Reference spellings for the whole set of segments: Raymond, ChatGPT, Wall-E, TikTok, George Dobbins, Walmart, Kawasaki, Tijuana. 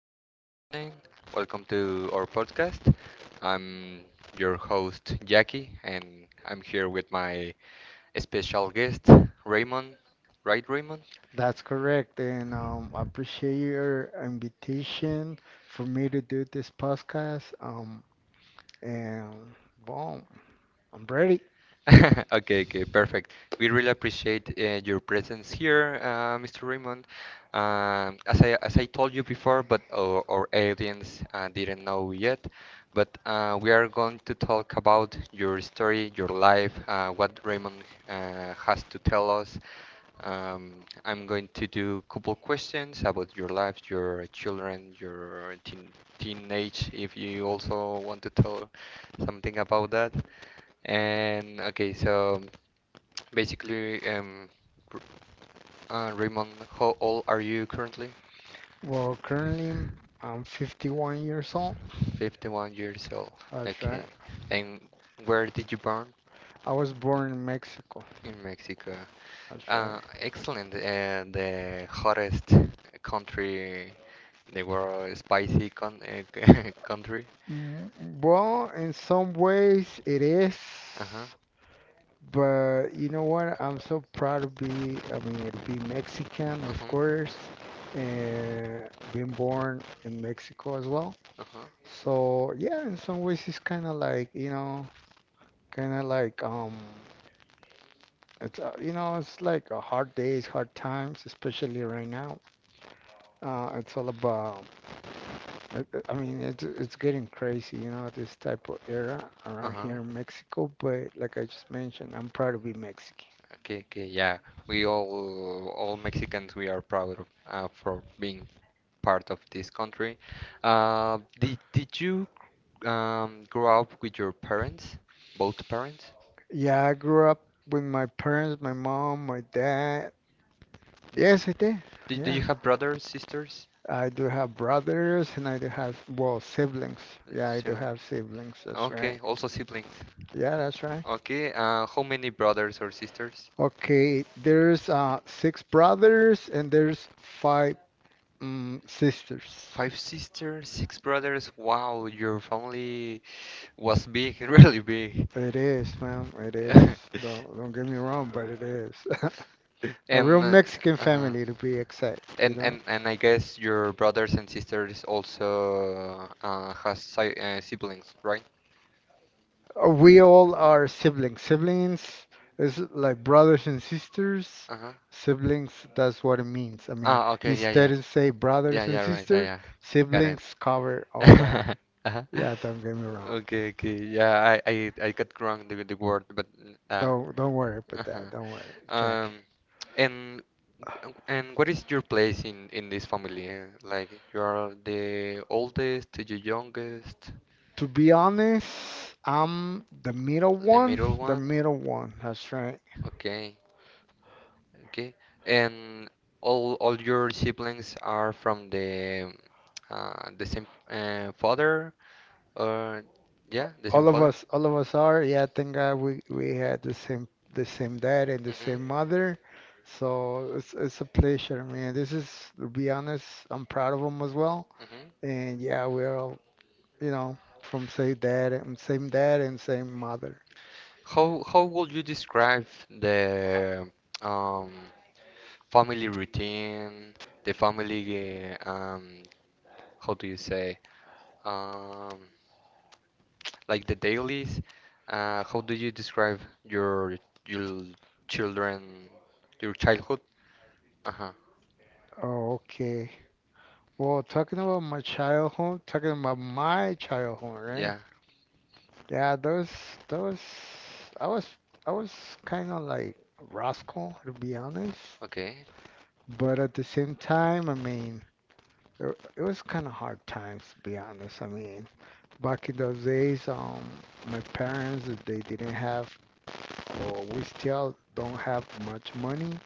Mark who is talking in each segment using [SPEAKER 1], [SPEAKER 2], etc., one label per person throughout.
[SPEAKER 1] So, good morning. Welcome to our podcast. I'm your host, Jackie, and I'm here with my special guest, Raymond. Right, Raymond?
[SPEAKER 2] That's correct, and I appreciate your invitation for me to do this podcast. And Boom, I'm ready.
[SPEAKER 1] Okay, okay, perfect. We really appreciate your presence here, Mr. Raymond. As I told you before, but our audience didn't know yet, but we are going to talk about your story, your life, what Raymond has to tell us. I'm going to do a couple questions about your life, your children, your teenage, if you also want to tell something about that. And okay, so basically, R- Raymond, how old are you currently?
[SPEAKER 2] Well, currently I'm 51 years old.
[SPEAKER 1] 51 years old.
[SPEAKER 2] That's right.
[SPEAKER 1] Okay. And where did you born?
[SPEAKER 2] I was born in Mexico.
[SPEAKER 1] In Mexico.
[SPEAKER 2] That's right.
[SPEAKER 1] Excellent. The hottest country in the world, spicy con country.
[SPEAKER 2] Mm, well, in some ways it is,
[SPEAKER 1] Uh-huh.
[SPEAKER 2] but you know what? I'm so proud to be, I mean, to be Mexican, of
[SPEAKER 1] Uh-huh.
[SPEAKER 2] course, and being born in Mexico as well.
[SPEAKER 1] Uh-huh.
[SPEAKER 2] So yeah, in some ways it's kind of like, you know, kind of like it's you know, it's like a hard days, hard times, especially right now. Uh, it's all about I mean, it's getting crazy, you know, this type of era around
[SPEAKER 1] Uh-huh.
[SPEAKER 2] here in Mexico, but like I just mentioned, I'm proud to be Mexican.
[SPEAKER 1] Okay, okay, yeah. We all Mexicans, we are proud of for being part of this country. Did you grow up with your parents, both parents?
[SPEAKER 2] Yeah, I grew up with my parents, my mom, my dad. Yes, I did.
[SPEAKER 1] Do
[SPEAKER 2] Yeah.
[SPEAKER 1] you have brothers, sisters?
[SPEAKER 2] I do have brothers and I do have, well, siblings. Yeah, I do
[SPEAKER 1] Sibling-
[SPEAKER 2] have siblings. That's right.
[SPEAKER 1] Okay, also siblings.
[SPEAKER 2] Yeah, that's right.
[SPEAKER 1] Okay, how many brothers or sisters?
[SPEAKER 2] Okay, there's six brothers and there's five sisters.
[SPEAKER 1] Five sisters, six brothers. Wow, your family was big, really big.
[SPEAKER 2] It is, ma'am. It is. Don't get me wrong, but it is. A real
[SPEAKER 1] And
[SPEAKER 2] Mexican
[SPEAKER 1] uh-huh.
[SPEAKER 2] family to be exact, you
[SPEAKER 1] And,
[SPEAKER 2] know.
[SPEAKER 1] and and I guess your brothers and sisters also has si siblings, right?
[SPEAKER 2] We all are siblings. Siblings is like brothers and sisters.
[SPEAKER 1] Uh-huh.
[SPEAKER 2] Siblings, that's what it means. I mean,
[SPEAKER 1] Ah, okay, yeah, yeah.
[SPEAKER 2] instead of say
[SPEAKER 1] Yeah,
[SPEAKER 2] brothers and
[SPEAKER 1] yeah, right, yeah,
[SPEAKER 2] sisters,
[SPEAKER 1] yeah. Got it.
[SPEAKER 2] siblings cover all that.
[SPEAKER 1] Uh-huh.
[SPEAKER 2] Yeah, don't get me wrong.
[SPEAKER 1] Okay, okay. Yeah, I got wrong the word, but uh,
[SPEAKER 2] Don't worry about that.
[SPEAKER 1] uh-huh.
[SPEAKER 2] Don't worry. Check.
[SPEAKER 1] Um, and and what is your place in this family? Like you are the oldest, the youngest,
[SPEAKER 2] To be honest, I'm the middle
[SPEAKER 1] the
[SPEAKER 2] one.
[SPEAKER 1] middle
[SPEAKER 2] The
[SPEAKER 1] one?
[SPEAKER 2] middle one. That's right.
[SPEAKER 1] Okay, okay. And all your siblings are from the same father or yeah, the same
[SPEAKER 2] All of
[SPEAKER 1] father?
[SPEAKER 2] us, all of us are. Yeah, thank God we had the same dad and the
[SPEAKER 1] Mm-hmm.
[SPEAKER 2] same mother. So it's a pleasure, man. This is, to be honest, I'm proud of them as well.
[SPEAKER 1] Mm-hmm.
[SPEAKER 2] And yeah, we're all, you know, from same dad and same dad and same mother.
[SPEAKER 1] How would you describe the um, family routine, the family how do you say um, like the dailies? How do you describe your children, your childhood? Uh-huh.
[SPEAKER 2] Okay. Well, talking about my childhood, right?
[SPEAKER 1] Yeah.
[SPEAKER 2] Yeah, those I was I was kind of like rascal to be honest.
[SPEAKER 1] Okay.
[SPEAKER 2] But at the same time, I mean, it was kind of hard times, to be honest. I mean, back in those days, my parents, they didn't have, or we still don't have much money.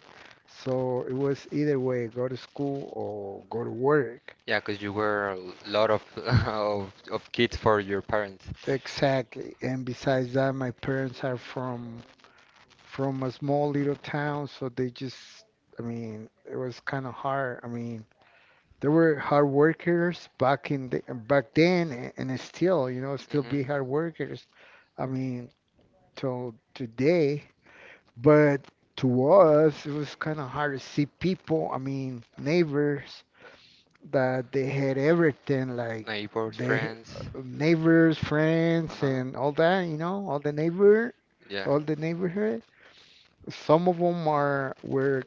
[SPEAKER 2] So it was either way, go to school or go to work.
[SPEAKER 1] Yeah, 'cause you were a lot of of kids for your parents.
[SPEAKER 2] Exactly. And besides that, my parents are from a small little town, so they just, I mean, it was kind of hard. I mean, they were hard workers back in back then, and still, you know, still be
[SPEAKER 1] Hmm.
[SPEAKER 2] hard workers. I mean, till today. But to us, it was kind of hard to see people. I mean, neighbors that they had everything, like
[SPEAKER 1] Neighbors,
[SPEAKER 2] they
[SPEAKER 1] friends.
[SPEAKER 2] neighbors, friends, and all that. You know, all the neighbor,
[SPEAKER 1] Yeah.
[SPEAKER 2] all the neighborhood. Some of them are were,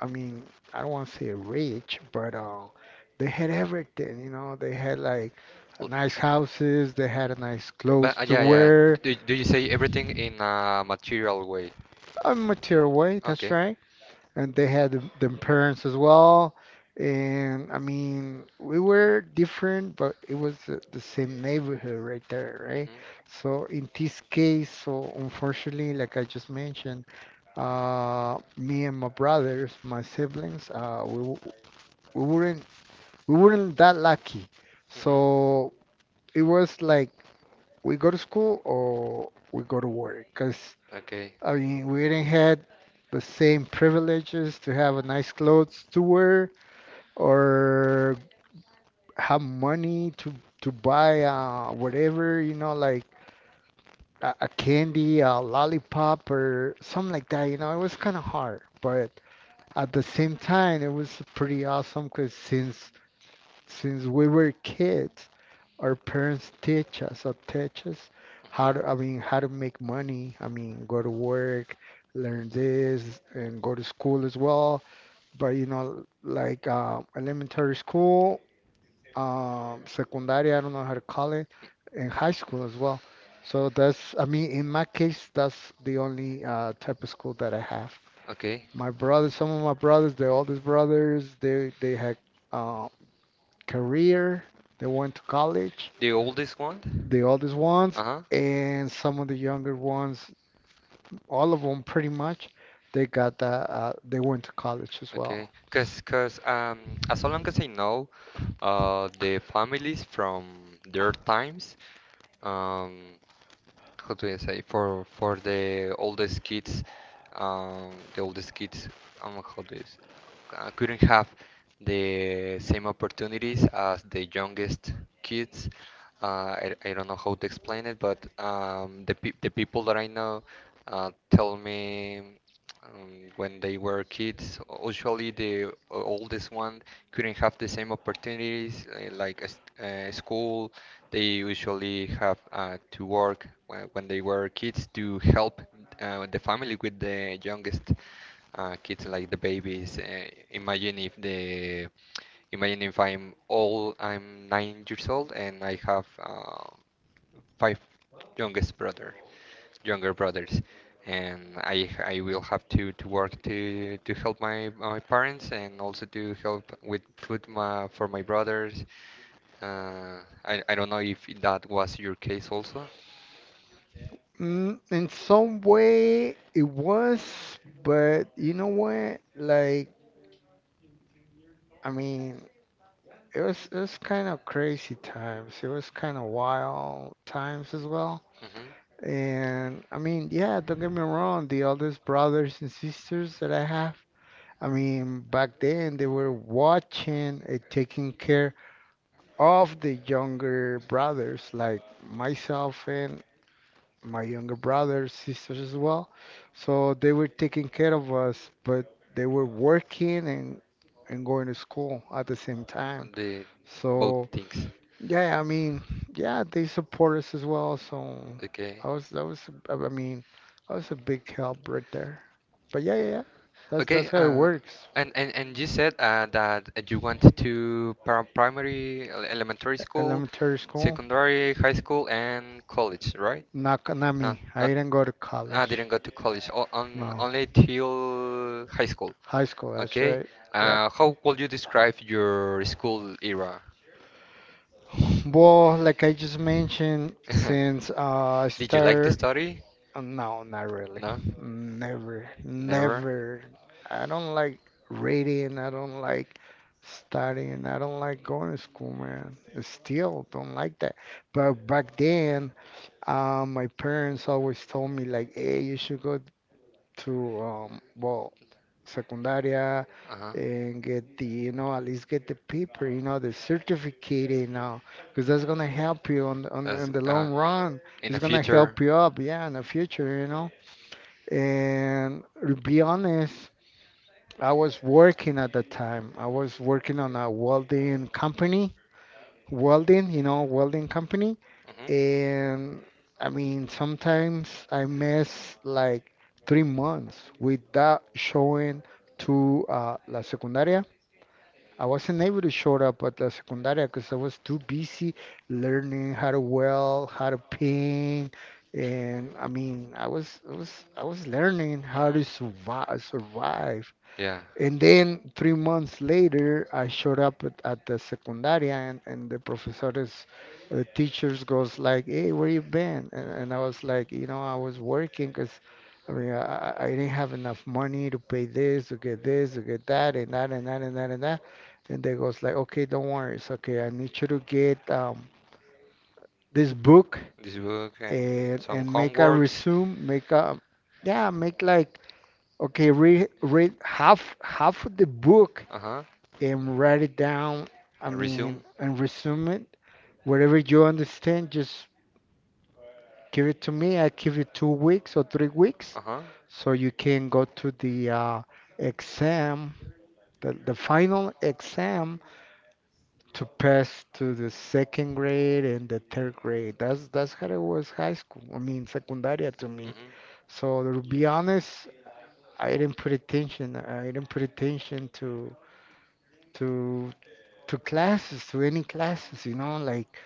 [SPEAKER 2] I mean, I don't want to say rich, but they had everything. You know, they had like nice houses, they had a nice clothes to wear,
[SPEAKER 1] Do you say everything in a material way?
[SPEAKER 2] a material way. That's right. And they had them parents as well. And I mean, we were different, but it was the same neighborhood right there, right?
[SPEAKER 1] Mhm.
[SPEAKER 2] So in this case, so unfortunately, like I just mentioned. Me and my brothers, my siblings, we weren't we weren't that lucky. So it was like we go to school or we go to work. Cause
[SPEAKER 1] Okay.
[SPEAKER 2] I
[SPEAKER 1] Hard,
[SPEAKER 2] mean we didn't had the same privileges to have a nice clothes to wear or have money to buy whatever you know like a candy, a lollipop or something like that. You know it was kind of hard, but. At the same time, it was pretty awesome because since we were kids, our parents teach us how to, I mean, how to make money. I mean, go to
[SPEAKER 1] work.
[SPEAKER 2] work, learn this, and go to school as well. But you know, like elementary school, secondary, I don't know how to call it, and high school as well. So that's, I mean, in my case, that's the only type of school that I have.
[SPEAKER 1] Okay.
[SPEAKER 2] My brothers, some of my brothers, the oldest brothers, they had uh, career. They went to college.
[SPEAKER 1] The oldest one?
[SPEAKER 2] The
[SPEAKER 1] The.
[SPEAKER 2] oldest ones
[SPEAKER 1] Uh-huh.
[SPEAKER 2] and some of the younger ones, all of them pretty much, they got the, they went to college as well.
[SPEAKER 1] Okay, cause as long as I know, the families from their times, um, how do I say for the oldest kids, the oldest kids, how do you say, couldn't have the same opportunities as the youngest kids. I don't know how to explain it, but the people that I know tell me when they were kids, usually the oldest one couldn't have the same opportunities like a school they usually have to work when they were kids to help the family with the youngest kids, like the babies. Imagine if I'm old, I'm 9 years old, and I have five youngest brother, younger brothers, and I will have to work to help my parents and also to help with food ma for my brothers. I don't know if that was your case also.
[SPEAKER 2] Mm, in some way, it was, but you know what? Like, I mean, it was kind of crazy times. It was kind of wild times as well.
[SPEAKER 1] Hmm.
[SPEAKER 2] And I mean, yeah, don't get me wrong, the oldest brothers and sisters that I have, I mean, back then they were watching and taking care of the younger brothers, like myself and my younger brothers, sisters as well. So they were taking care of us, but they were working and going to school at the same time.
[SPEAKER 1] The both
[SPEAKER 2] So.
[SPEAKER 1] things, yeah.
[SPEAKER 2] Yeah, I mean, yeah, they support us as well, so
[SPEAKER 1] Okay.
[SPEAKER 2] I was that was I mean, that was a big help right there. But yeah, yeah, yeah.
[SPEAKER 1] That's
[SPEAKER 2] That's
[SPEAKER 1] okay, how
[SPEAKER 2] how it
[SPEAKER 1] works.
[SPEAKER 2] works.
[SPEAKER 1] And you said that you went to primary, elementary school,
[SPEAKER 2] Elementary school.
[SPEAKER 1] secondary, high school, and college, right?
[SPEAKER 2] Not not
[SPEAKER 1] No,
[SPEAKER 2] me. I
[SPEAKER 1] not,
[SPEAKER 2] didn't go to
[SPEAKER 1] I
[SPEAKER 2] college.
[SPEAKER 1] didn't go to college, o on,
[SPEAKER 2] No.
[SPEAKER 1] only till high school.
[SPEAKER 2] High school, that's
[SPEAKER 1] Okay.
[SPEAKER 2] right. Yep.
[SPEAKER 1] How would you describe your school era?
[SPEAKER 2] Well, like I just mentioned, I
[SPEAKER 1] Did you like the
[SPEAKER 2] started,
[SPEAKER 1] study?
[SPEAKER 2] no, not really.
[SPEAKER 1] No,
[SPEAKER 2] Never,
[SPEAKER 1] never.
[SPEAKER 2] never. I don't like reading. I don't like studying. I don't like going to school, man. I still don't like that. But back then, my parents always told me like, hey, you should go to well, secundaria
[SPEAKER 1] Uh-huh.
[SPEAKER 2] and get the, you know, at least get the paper, you know, the certificate, you know, because that's gonna help you on
[SPEAKER 1] That's,
[SPEAKER 2] on the long run.
[SPEAKER 1] in the
[SPEAKER 2] It's gonna
[SPEAKER 1] future.
[SPEAKER 2] help you up, yeah, in the future, you know. And to be honest, I was working at the time. I was working on a welding company, welding, you know, welding company.
[SPEAKER 1] Mhm.
[SPEAKER 2] And I mean, sometimes I mess like 3 months without showing to La Secundaria. I wasn't able to show up at La Secundaria because I was too busy learning how to weld, how to paint, and I mean, I was learning how to
[SPEAKER 1] Mhm.
[SPEAKER 2] survive, survive.
[SPEAKER 1] Yeah,
[SPEAKER 2] And then 3 months later, I showed up at the secundaria, and the professores, teachers goes like, "Hey, where you been?" And I was like, "You know, I was working because, I mean, I didn't have enough money to pay this, to get that, and that, and that, and that, and that." And they goes like, "Okay, don't worry, it's okay. I need you to get this book
[SPEAKER 1] this book and
[SPEAKER 2] and
[SPEAKER 1] some
[SPEAKER 2] make a
[SPEAKER 1] homeworks.
[SPEAKER 2] resume, make a yeah, make like okay, read half of the book."
[SPEAKER 1] Uh huh.
[SPEAKER 2] And write it down. I mean,
[SPEAKER 1] Resume.
[SPEAKER 2] and resume it. Whatever you understand, just give it to me. I give you 2 weeks or 3 weeks
[SPEAKER 1] Uh huh.
[SPEAKER 2] so you can go to the exam, the final exam to pass to the second grade and the third grade. That's how it was high school. I mean, secundaria to me.
[SPEAKER 1] Mm-hmm.
[SPEAKER 2] So to be honest, I didn't put attention. I didn't put attention to to classes, to any classes, you know, like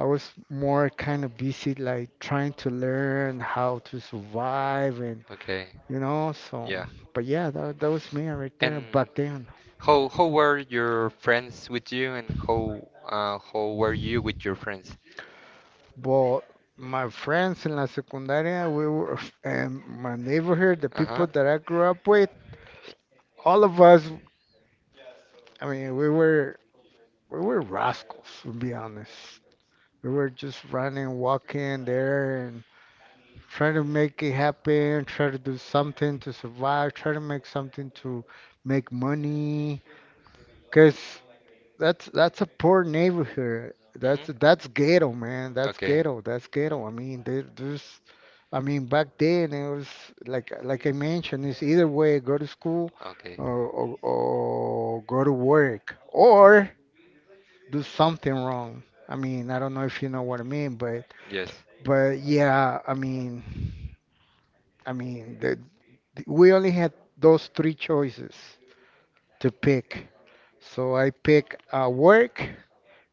[SPEAKER 2] I was more kind of busy like trying to learn how to survive and
[SPEAKER 1] Okay.
[SPEAKER 2] you know, so
[SPEAKER 1] Yeah.
[SPEAKER 2] but yeah, that was me right
[SPEAKER 1] And
[SPEAKER 2] there back then.
[SPEAKER 1] how were your friends with you, and how were you with your friends?
[SPEAKER 2] But my friends in la secundaria, we were and my neighborhood, the
[SPEAKER 1] Uh
[SPEAKER 2] people
[SPEAKER 1] huh.
[SPEAKER 2] that I grew up with, all of us, I mean, we were rascals, to be honest. We were just running, walking there, try to make it happen, try to do something to survive, try to make something to make money. Cause that's a poor neighborhood.
[SPEAKER 1] Mm-hmm.
[SPEAKER 2] That's ghetto, man. That's
[SPEAKER 1] Okay.
[SPEAKER 2] ghetto. That's ghetto. I mean, there's, I mean, back then it was like I mentioned, it's either way, go to school
[SPEAKER 1] Okay.
[SPEAKER 2] or go to work or do something wrong. I mean, I don't know if you know what I mean,
[SPEAKER 1] Yes.
[SPEAKER 2] but yeah, I mean. I mean, we only had those three choices to pick. So I picked work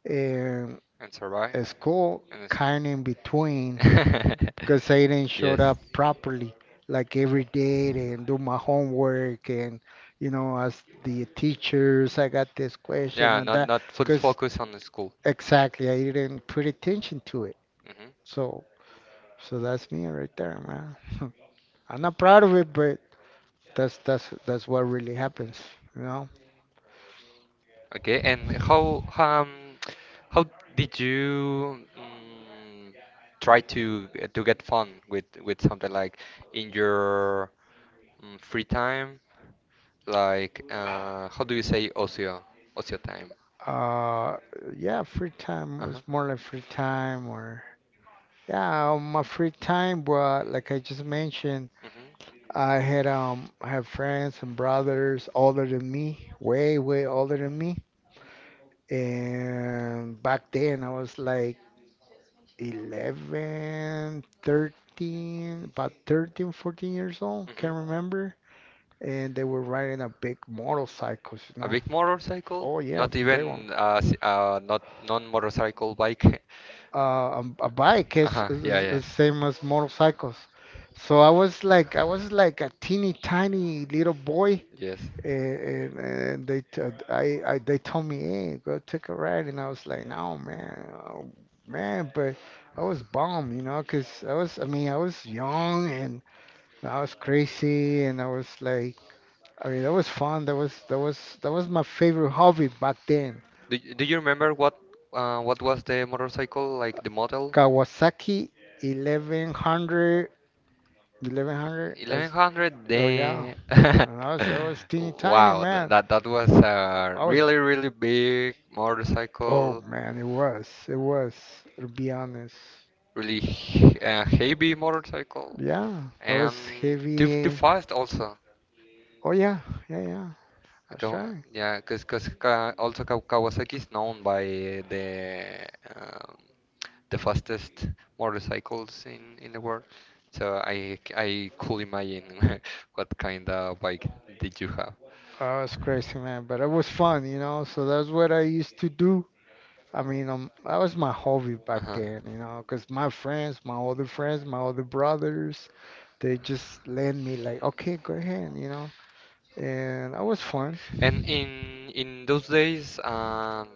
[SPEAKER 2] and
[SPEAKER 1] And
[SPEAKER 2] a
[SPEAKER 1] survive.
[SPEAKER 2] school
[SPEAKER 1] And it's.
[SPEAKER 2] kind in between
[SPEAKER 1] Because,
[SPEAKER 2] because I didn't show
[SPEAKER 1] yes.
[SPEAKER 2] up properly like every day and do my homework and you know as the teachers I got this question
[SPEAKER 1] Yeah,
[SPEAKER 2] and
[SPEAKER 1] not
[SPEAKER 2] that
[SPEAKER 1] not full
[SPEAKER 2] because
[SPEAKER 1] focus on the school.
[SPEAKER 2] exactly I didn't put attention to it
[SPEAKER 1] Hmm.
[SPEAKER 2] so so that's me right there man I'm not proud of it but That's that's what really happens, you know.
[SPEAKER 1] Okay. And how did you try to get fun with something like in your mm, free time, like how do you say ocio? Ocio time.
[SPEAKER 2] Uh, yeah, free time
[SPEAKER 1] Uh-huh.
[SPEAKER 2] is more like free time, or yeah, my free time, but like I just mentioned,
[SPEAKER 1] Mhm.
[SPEAKER 2] I have friends and brothers older than me, way older than me, and back then I was like 11, 13, about 13, 14 years old, can't
[SPEAKER 1] Mhm.
[SPEAKER 2] remember, and they were riding a
[SPEAKER 1] A
[SPEAKER 2] big motorcycles, you know.
[SPEAKER 1] big motorcycle.
[SPEAKER 2] Oh yeah,
[SPEAKER 1] Not
[SPEAKER 2] big one.
[SPEAKER 1] even not non-motorcycle bike.
[SPEAKER 2] A bike
[SPEAKER 1] Uh-huh. Yeah, yeah.
[SPEAKER 2] is same as motorcycles. So I was like a teeny tiny little boy,
[SPEAKER 1] Yes.
[SPEAKER 2] and I they told me, "Hey, go take a ride," and I was like, "No, man, oh, man." But I was bummed, you know, 'cause I mean I was young and I was crazy, and I was like. I mean, that was fun. That was my favorite hobby back then.
[SPEAKER 1] Do you remember what was the motorcycle like the model?
[SPEAKER 2] Kawasaki 1100, 1100. That's
[SPEAKER 1] 1100?
[SPEAKER 2] oh yeah.
[SPEAKER 1] The
[SPEAKER 2] And I was teeny tiny,
[SPEAKER 1] Wow, that,
[SPEAKER 2] man.
[SPEAKER 1] that that was
[SPEAKER 2] I,
[SPEAKER 1] a
[SPEAKER 2] I was
[SPEAKER 1] really really big
[SPEAKER 2] oh
[SPEAKER 1] motorcycle,
[SPEAKER 2] man, it was, to be honest.
[SPEAKER 1] really heavy motorcycle,
[SPEAKER 2] Yeah, I was
[SPEAKER 1] and too
[SPEAKER 2] heavy.
[SPEAKER 1] fast also.
[SPEAKER 2] Oh yeah, yeah, yeah. That's
[SPEAKER 1] Kaw-
[SPEAKER 2] right.
[SPEAKER 1] Yeah, because Kawasaki is known by the um, the fastest motorcycles in the world. So I could imagine what kind of bike did you have.
[SPEAKER 2] I was crazy, man, but it was fun, you know. So that's what I used to do. I mean, that was my hobby back
[SPEAKER 1] Uh-huh.
[SPEAKER 2] then, you know, because my friends, my older brothers, they just lend me like, okay, go ahead, you know, and that was fun.
[SPEAKER 1] And in those days,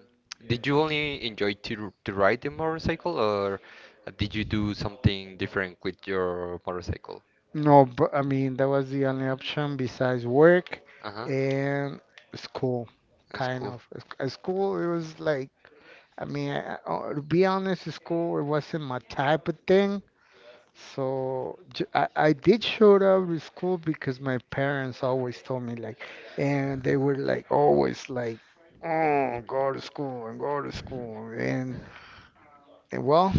[SPEAKER 1] did you only enjoy to ride the motorcycle, or did you do something different with your motorcycle?
[SPEAKER 2] No, but I mean, that was the only option besides work
[SPEAKER 1] Uh-huh.
[SPEAKER 2] and school,
[SPEAKER 1] That's
[SPEAKER 2] kind
[SPEAKER 1] cool.
[SPEAKER 2] of. At school, it was like, I mean, I, I- to be honest, at school, it wasn't my type of thing. So I did show up to school because my parents always told me like, and they were like always like, oh, go to school and go to school and well,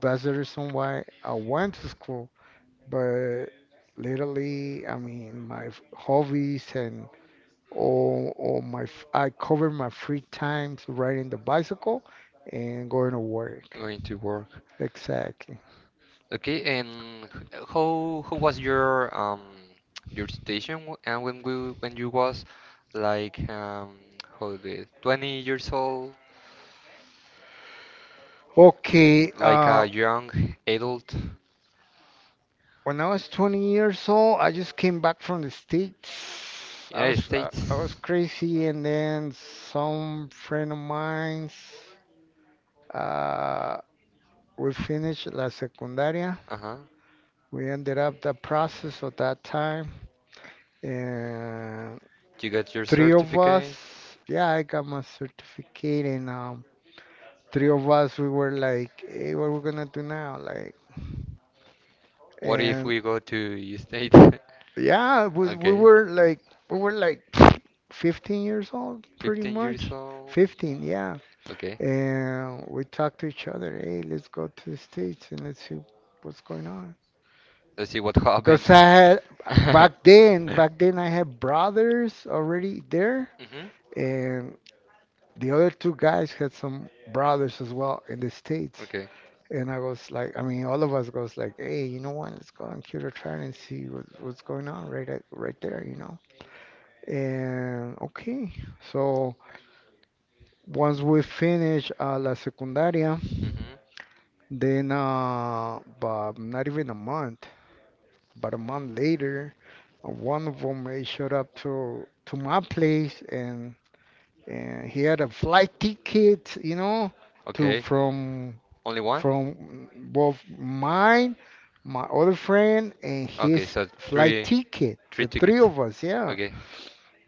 [SPEAKER 2] that's the reason why I went to school. But literally, I mean, hobbies and I cover my free times riding the bicycle and going to work.
[SPEAKER 1] Going to work.
[SPEAKER 2] Exactly.
[SPEAKER 1] Okay, and how was your situation w- and when we when you was like how the 20 years old,
[SPEAKER 2] Okay.
[SPEAKER 1] like a young adult.
[SPEAKER 2] When I was 20 years old, I just came back from the States.
[SPEAKER 1] United
[SPEAKER 2] I
[SPEAKER 1] States.
[SPEAKER 2] was crazy, and then some friend of mine's uh, we finished la secundaria.
[SPEAKER 1] Uh-huh.
[SPEAKER 2] We ended up the process at that time, and
[SPEAKER 1] You got your
[SPEAKER 2] three of
[SPEAKER 1] certificate.
[SPEAKER 2] us. Yeah, I got my certificate, and three of us we were like, "Hey, what are we gonna do now? Like,"
[SPEAKER 1] What if
[SPEAKER 2] and
[SPEAKER 1] we go to state? Yeah.
[SPEAKER 2] yeah, we
[SPEAKER 1] Okay.
[SPEAKER 2] were like we were like 15 years old, pretty
[SPEAKER 1] 15 years
[SPEAKER 2] much.
[SPEAKER 1] old?
[SPEAKER 2] 15, yeah.
[SPEAKER 1] Okay.
[SPEAKER 2] And we talked to each other, hey, let's go to the States and let's see what's going on.
[SPEAKER 1] Let's see what happens.
[SPEAKER 2] Because I had
[SPEAKER 1] Hmm.
[SPEAKER 2] back then I had brothers already there, and the other two guys had some brothers as well in the States.
[SPEAKER 1] Okay.
[SPEAKER 2] And I was like, I mean, all of us goes like, hey, you know what? Let's go on computer try and see what's going on right there, you know. And okay, so once we finish la secundaria,
[SPEAKER 1] Hmm.
[SPEAKER 2] then but not even a month, but a month later, one of them showed up to my place and he had a flight ticket, you know, to
[SPEAKER 1] Okay. Only one?
[SPEAKER 2] from both mine, my other friend, and
[SPEAKER 1] Okay,
[SPEAKER 2] his
[SPEAKER 1] so three
[SPEAKER 2] flight ticket.
[SPEAKER 1] three
[SPEAKER 2] The three
[SPEAKER 1] tickets.
[SPEAKER 2] of us, yeah.
[SPEAKER 1] Okay.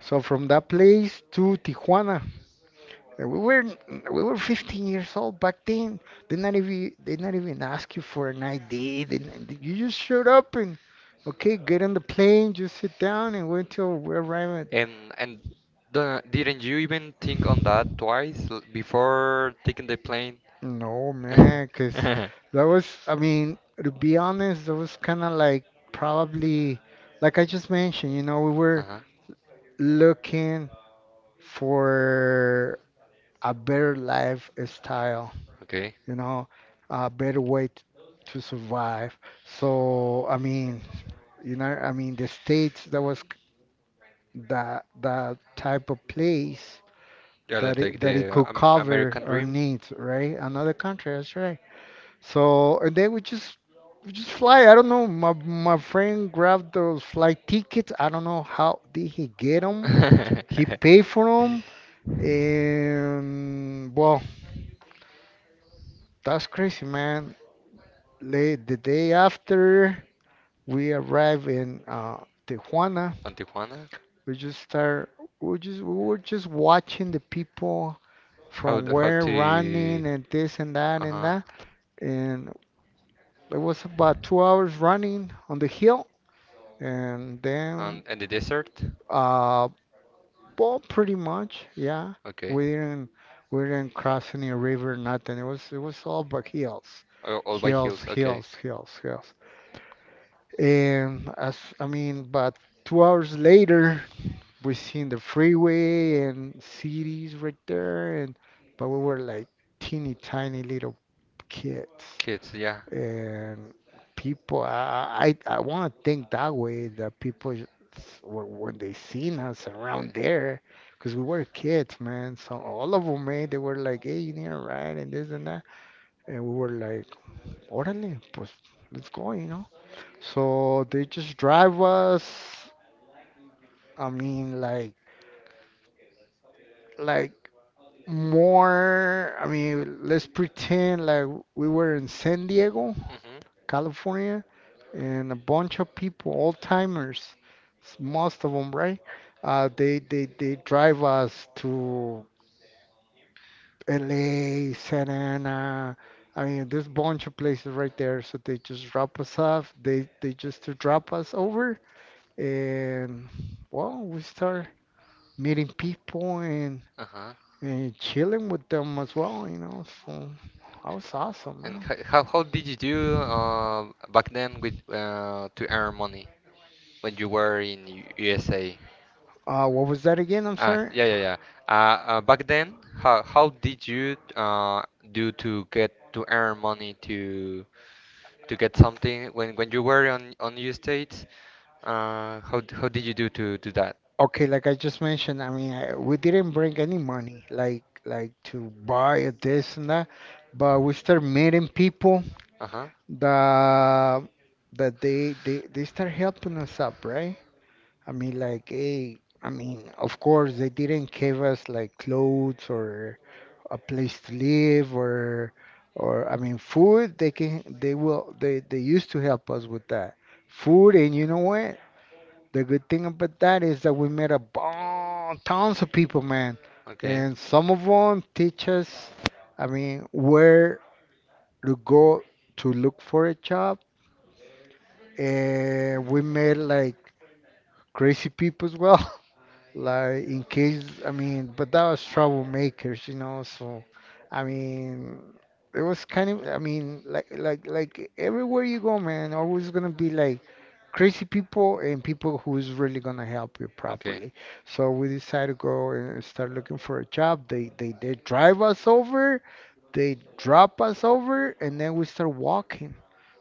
[SPEAKER 2] So from that place to Tijuana, and we were 15 years old back then. They not even ask you for an ID. They, not- You just showed up and okay, get on the plane, just sit down, and wait till we arrive.
[SPEAKER 1] And the, didn't you even think on that twice before taking the plane?
[SPEAKER 2] No, man, because that was, I mean, to be honest, that was kind of like probably, like I just mentioned, you know, we were
[SPEAKER 1] Uh-huh.
[SPEAKER 2] looking for a better lifestyle,
[SPEAKER 1] Okay.
[SPEAKER 2] you know, a better way to survive. So, I mean, you know, I mean, the States, that type of place
[SPEAKER 1] Yeah,
[SPEAKER 2] that
[SPEAKER 1] like
[SPEAKER 2] it that it
[SPEAKER 1] the
[SPEAKER 2] could cover
[SPEAKER 1] American
[SPEAKER 2] our
[SPEAKER 1] Dream.
[SPEAKER 2] needs, right? Another country, that's right. So and then we just fly. I don't know. My friend grabbed those flight tickets. I don't know how did he get them. He paid for them, and well, that's crazy, man. Late the day after we arrived in Tijuana,
[SPEAKER 1] On Tijuana?
[SPEAKER 2] we just start. We were just watching the people
[SPEAKER 1] How
[SPEAKER 2] from
[SPEAKER 1] the, how
[SPEAKER 2] where
[SPEAKER 1] to.
[SPEAKER 2] running and this and that and
[SPEAKER 1] Uh-huh.
[SPEAKER 2] that. And it was about two hours running on the hill, and
[SPEAKER 1] And,
[SPEAKER 2] then
[SPEAKER 1] and the desert?
[SPEAKER 2] uh, well, pretty much, yeah.
[SPEAKER 1] Okay.
[SPEAKER 2] We didn't we didn't cross any river, nothing. It was all but hills,
[SPEAKER 1] All by
[SPEAKER 2] hills,
[SPEAKER 1] hills. Okay.
[SPEAKER 2] hills, hills, hills. And as I mean, but two hours later, we seen the freeway and cities right there, and but we were like teeny tiny little kids.
[SPEAKER 1] Kids, yeah.
[SPEAKER 2] And people I want to think that way that when they seen us
[SPEAKER 1] Uh.
[SPEAKER 2] around there because we were kids, man, so all of them, man, they were like, hey, you need a ride and this and that, and we were like orale pues, let's go, you know. So they just drive us, I mean, like more, I mean, let's pretend like we were in San Diego,
[SPEAKER 1] Mm-hmm.
[SPEAKER 2] California, and a bunch of people, old timers, most of them, right? They drive us to LA, Santa Ana. I mean, there's a bunch of places right there. So they just drop us off. They just to drop us over, and well, we start meeting people
[SPEAKER 1] Uh-huh.
[SPEAKER 2] and chilling with them as well, you know. So that was awesome,
[SPEAKER 1] And
[SPEAKER 2] man.
[SPEAKER 1] how did you do back then with to earn money when you were in USA?
[SPEAKER 2] What was that again? I'm
[SPEAKER 1] Ah,
[SPEAKER 2] sorry.
[SPEAKER 1] yeah, yeah, yeah. Back then, how did you do to get to earn money to get something when you were on U.S. States? How did you do to do that?
[SPEAKER 2] Okay, like I just mentioned, I mean, we didn't bring any money, like to buy a this and that, but we start meeting people
[SPEAKER 1] Uh-huh.
[SPEAKER 2] that they start helping us up, right? I mean, like, hey, I mean, of course they didn't give us like clothes or a place to live or I mean, food. They can they will they used to help us with that food, and you know what? The good thing about that is that we met a bon tons of people, man.
[SPEAKER 1] Okay.
[SPEAKER 2] And some of them teach us, I mean, where to go to look for a job. And we met like crazy people as well. Like in case I mean, but that was troublemakers, you know. So I mean, it was kind of I mean, like like everywhere you go, man, always gonna be like crazy people and people who's really gonna help you
[SPEAKER 1] Okay.
[SPEAKER 2] properly. So we decided to go and start looking for a job. They drive us over, they drop us over, and then we start walking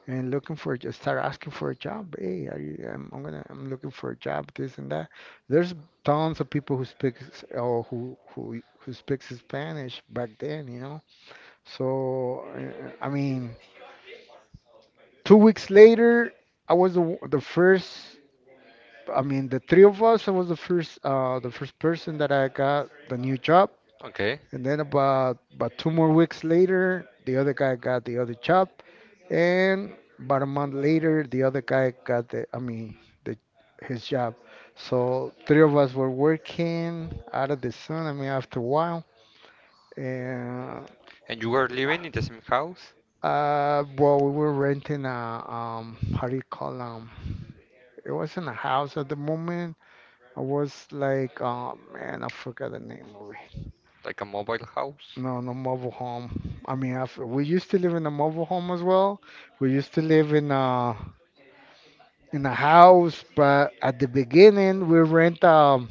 [SPEAKER 2] and looking for a start asking for a job, hey, are you, I'm gonna, I'm looking for a job, this and that. There's tons of people who speaks or who speaks Spanish back then, you know. So I mean, two weeks later I was the, w- the first I mean the three of us I was the first person that I got the new job,
[SPEAKER 1] Okay.
[SPEAKER 2] and then about two more weeks later the other guy got the other job. And about a month later, the other guy got the, I mean, the his job. So three of us were working out of the sun. I mean, after a while, and
[SPEAKER 1] And you were living in the same house?
[SPEAKER 2] well, we were renting a how do you call it wasn't a house at the moment. I was like, oh man, I forgot the name of it.
[SPEAKER 1] Like a mobile house?
[SPEAKER 2] No, no mobile home. I mean, after, we used to live in a mobile home as well. We used to live in a house, but at the beginning we rent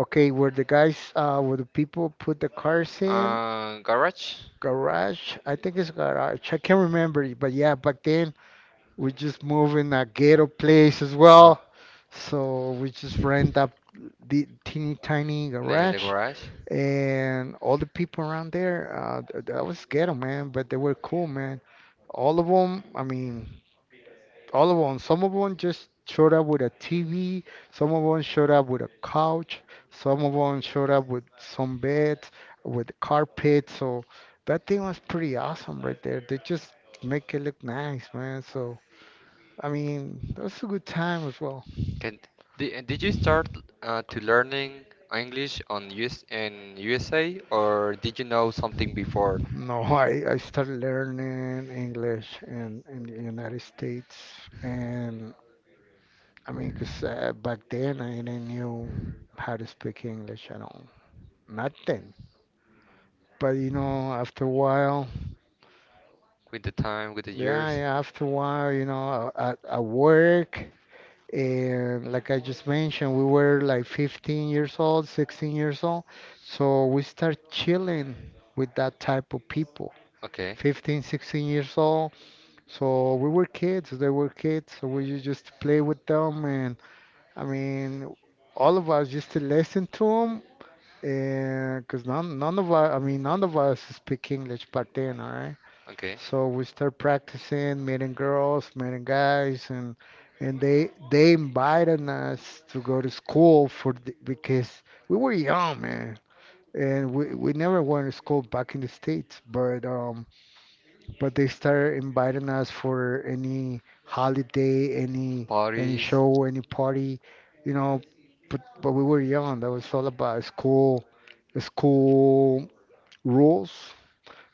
[SPEAKER 2] okay where the guys where the people put the cars in
[SPEAKER 1] Garage?
[SPEAKER 2] garage. I think it's garage. I can't remember it, but yeah, back then we just move in a ghetto place as
[SPEAKER 1] Uh-huh.
[SPEAKER 2] well, so we just rent up the teeny tiny
[SPEAKER 1] The
[SPEAKER 2] garage.
[SPEAKER 1] garage?
[SPEAKER 2] And all the people around there, that was ghetto, man, but they were cool, man. All of them, I mean, all of them. Some of them just showed up with a TV. Some of them showed up with a couch. Some of them showed up with some beds, with carpet. So that thing was pretty awesome right there. They just make it look nice, man. So I mean, that was a good time as well.
[SPEAKER 1] Can and did you start to learning English on US in USA, or did you know something before
[SPEAKER 2] No, I started learning English in the United States, and I mean, 'cause back then I didn't knew how to speak English at all. Nothing, but you know, after a while,
[SPEAKER 1] with the time, with the
[SPEAKER 2] yeah,
[SPEAKER 1] years?
[SPEAKER 2] yeah, after a while, you know, at work, and like I just mentioned, we were like 15 years old, 16 years old, so we start chilling with that type of people.
[SPEAKER 1] Okay,
[SPEAKER 2] 15, 16 years old. So we were kids, they were kids, so we used just to play with them. And I mean, all of us used to listen to them, and because none of us, I mean, none of us speak English back then, all right?
[SPEAKER 1] okay.
[SPEAKER 2] So we start practicing, meeting girls, meeting guys, and they invited us to go to school for because we were young, man, and we never went to school back in the States, but but they started inviting us for any holiday, any
[SPEAKER 1] Parties.
[SPEAKER 2] show, any party, you know, but we were young. That was all about school, school rules,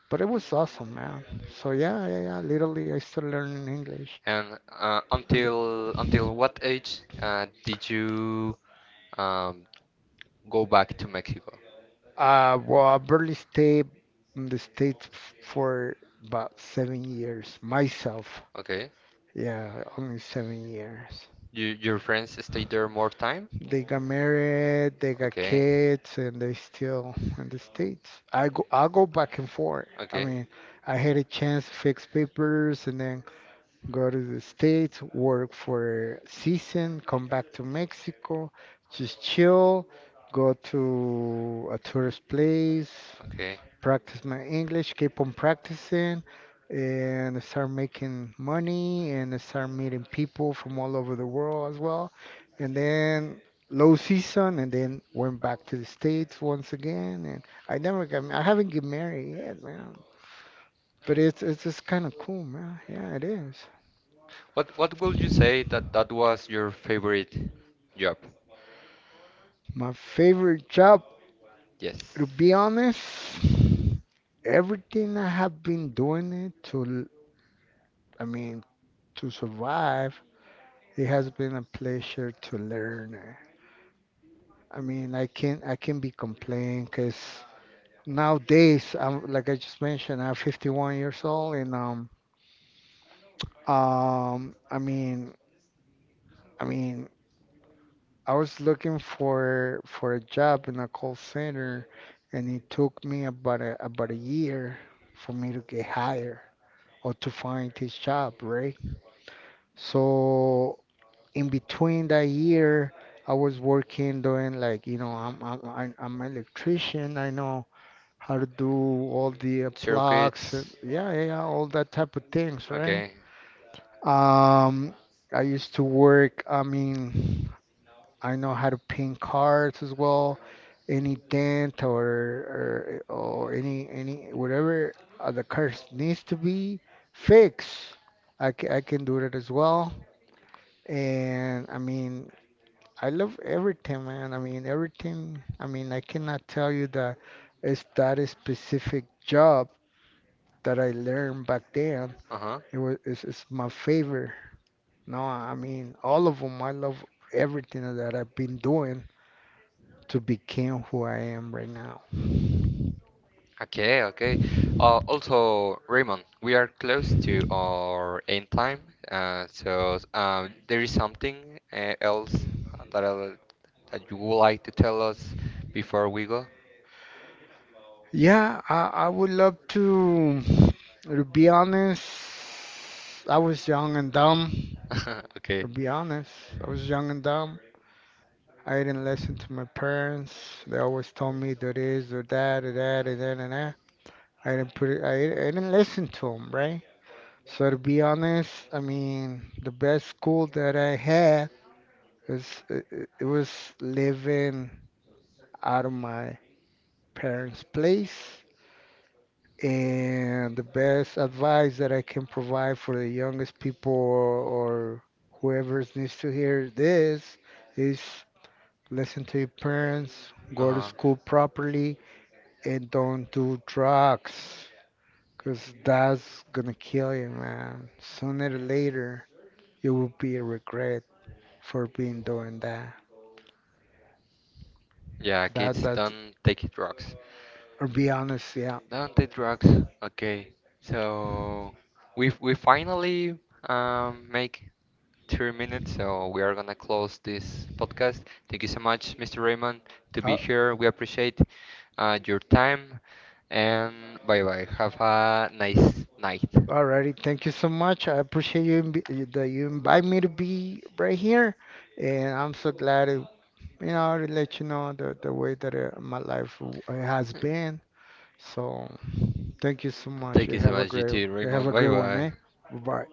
[SPEAKER 2] but it was awesome, man. So yeah, yeah, yeah. Literally, I started learning English.
[SPEAKER 1] And
[SPEAKER 2] And
[SPEAKER 1] until what age did you um, go back to Mexico?
[SPEAKER 2] well, I barely stayed in the States for about 7 years myself.
[SPEAKER 1] Okay.
[SPEAKER 2] Yeah, only 7 years.
[SPEAKER 1] You, your friends stayed there more time?
[SPEAKER 2] They got married, they got
[SPEAKER 1] Okay.
[SPEAKER 2] kids, and they still in the States. I go back and forth. I
[SPEAKER 1] Okay.
[SPEAKER 2] mean, I had a chance to fix papers, and then go to the States, work for a season, come back to Mexico, just chill, go to a tourist place,
[SPEAKER 1] Okay.
[SPEAKER 2] practice my English, keep on practicing, and start making money and start meeting people from all over the world as well. And then low season, and then went back to the States once again. And I never got, I haven't get married yet, man. But it's just kind of cool, man. Yeah, it is.
[SPEAKER 1] What would you say that that was your favorite job?
[SPEAKER 2] My favorite job,
[SPEAKER 1] Yes.
[SPEAKER 2] to be honest, everything I have been doing it to, I mean, to survive, it has been a pleasure to learn. I mean, I can not be complaining because nowadays I'm like I just mentioned, I'm 51 years old, and um I mean I mean I was looking for a job in a call center, and it took me about a year for me to get hired, or to find his job, right? So in between that year, I was working doing like, you know, I'm an electrician. I know how to do all the plugs and
[SPEAKER 1] Circuits.
[SPEAKER 2] yeah, yeah, yeah, all that type of things, right?
[SPEAKER 1] Okay.
[SPEAKER 2] Um, I used to work, I mean. I know how to paint cars as well. Any dent or any whatever the car needs to be fixed, I can do that as well. And I mean, I love everything, man. I mean, everything. I mean, I cannot tell you that it's that a specific job that I learned back then.
[SPEAKER 1] Uh-huh.
[SPEAKER 2] It's my favorite. No, I mean all of them. I love everything that I've been doing, to become who I am right now.
[SPEAKER 1] Okay, okay. Also, Raymond, we are close to our end time, so there is something else that I'll, that you would like to tell us before we go?
[SPEAKER 2] Yeah, I would love to be honest. I was young and dumb. To
[SPEAKER 1] Okay.
[SPEAKER 2] be honest, I was young and dumb. I didn't listen to my parents. They always told me do this, do that, do that, do that, and that. I didn't put it, I didn't listen to them, right? So to be honest, I mean, the best school that I had was it, it it was living out of my parents' place. And the best advice that I can provide for the youngest people, or whoever needs to hear this is listen to your parents, go to
[SPEAKER 1] Uh-huh.
[SPEAKER 2] school properly, and don't do drugs. Because that's gonna kill you, man. Sooner or later, you will be a regret for being doing that.
[SPEAKER 1] Yeah,
[SPEAKER 2] That,
[SPEAKER 1] kids
[SPEAKER 2] that,
[SPEAKER 1] don't take drugs.
[SPEAKER 2] or be honest, yeah.
[SPEAKER 1] Don't take drugs. Okay. So we finally make 3 minutes, so we are gonna close this podcast. Thank you so much, Mr. Raymond, to be
[SPEAKER 2] Uh,
[SPEAKER 1] here. We appreciate your time, and bye bye. Have a nice night.
[SPEAKER 2] Alrighty, thank you so much. I appreciate that you invite me to be right here, and I'm so glad to, you know, to let you know the way that my life has been. So, thank you so much.
[SPEAKER 1] Thank you so much, you too,
[SPEAKER 2] You have
[SPEAKER 1] Raymond.
[SPEAKER 2] a
[SPEAKER 1] Bye
[SPEAKER 2] good one,
[SPEAKER 1] bye.
[SPEAKER 2] eh? Bye.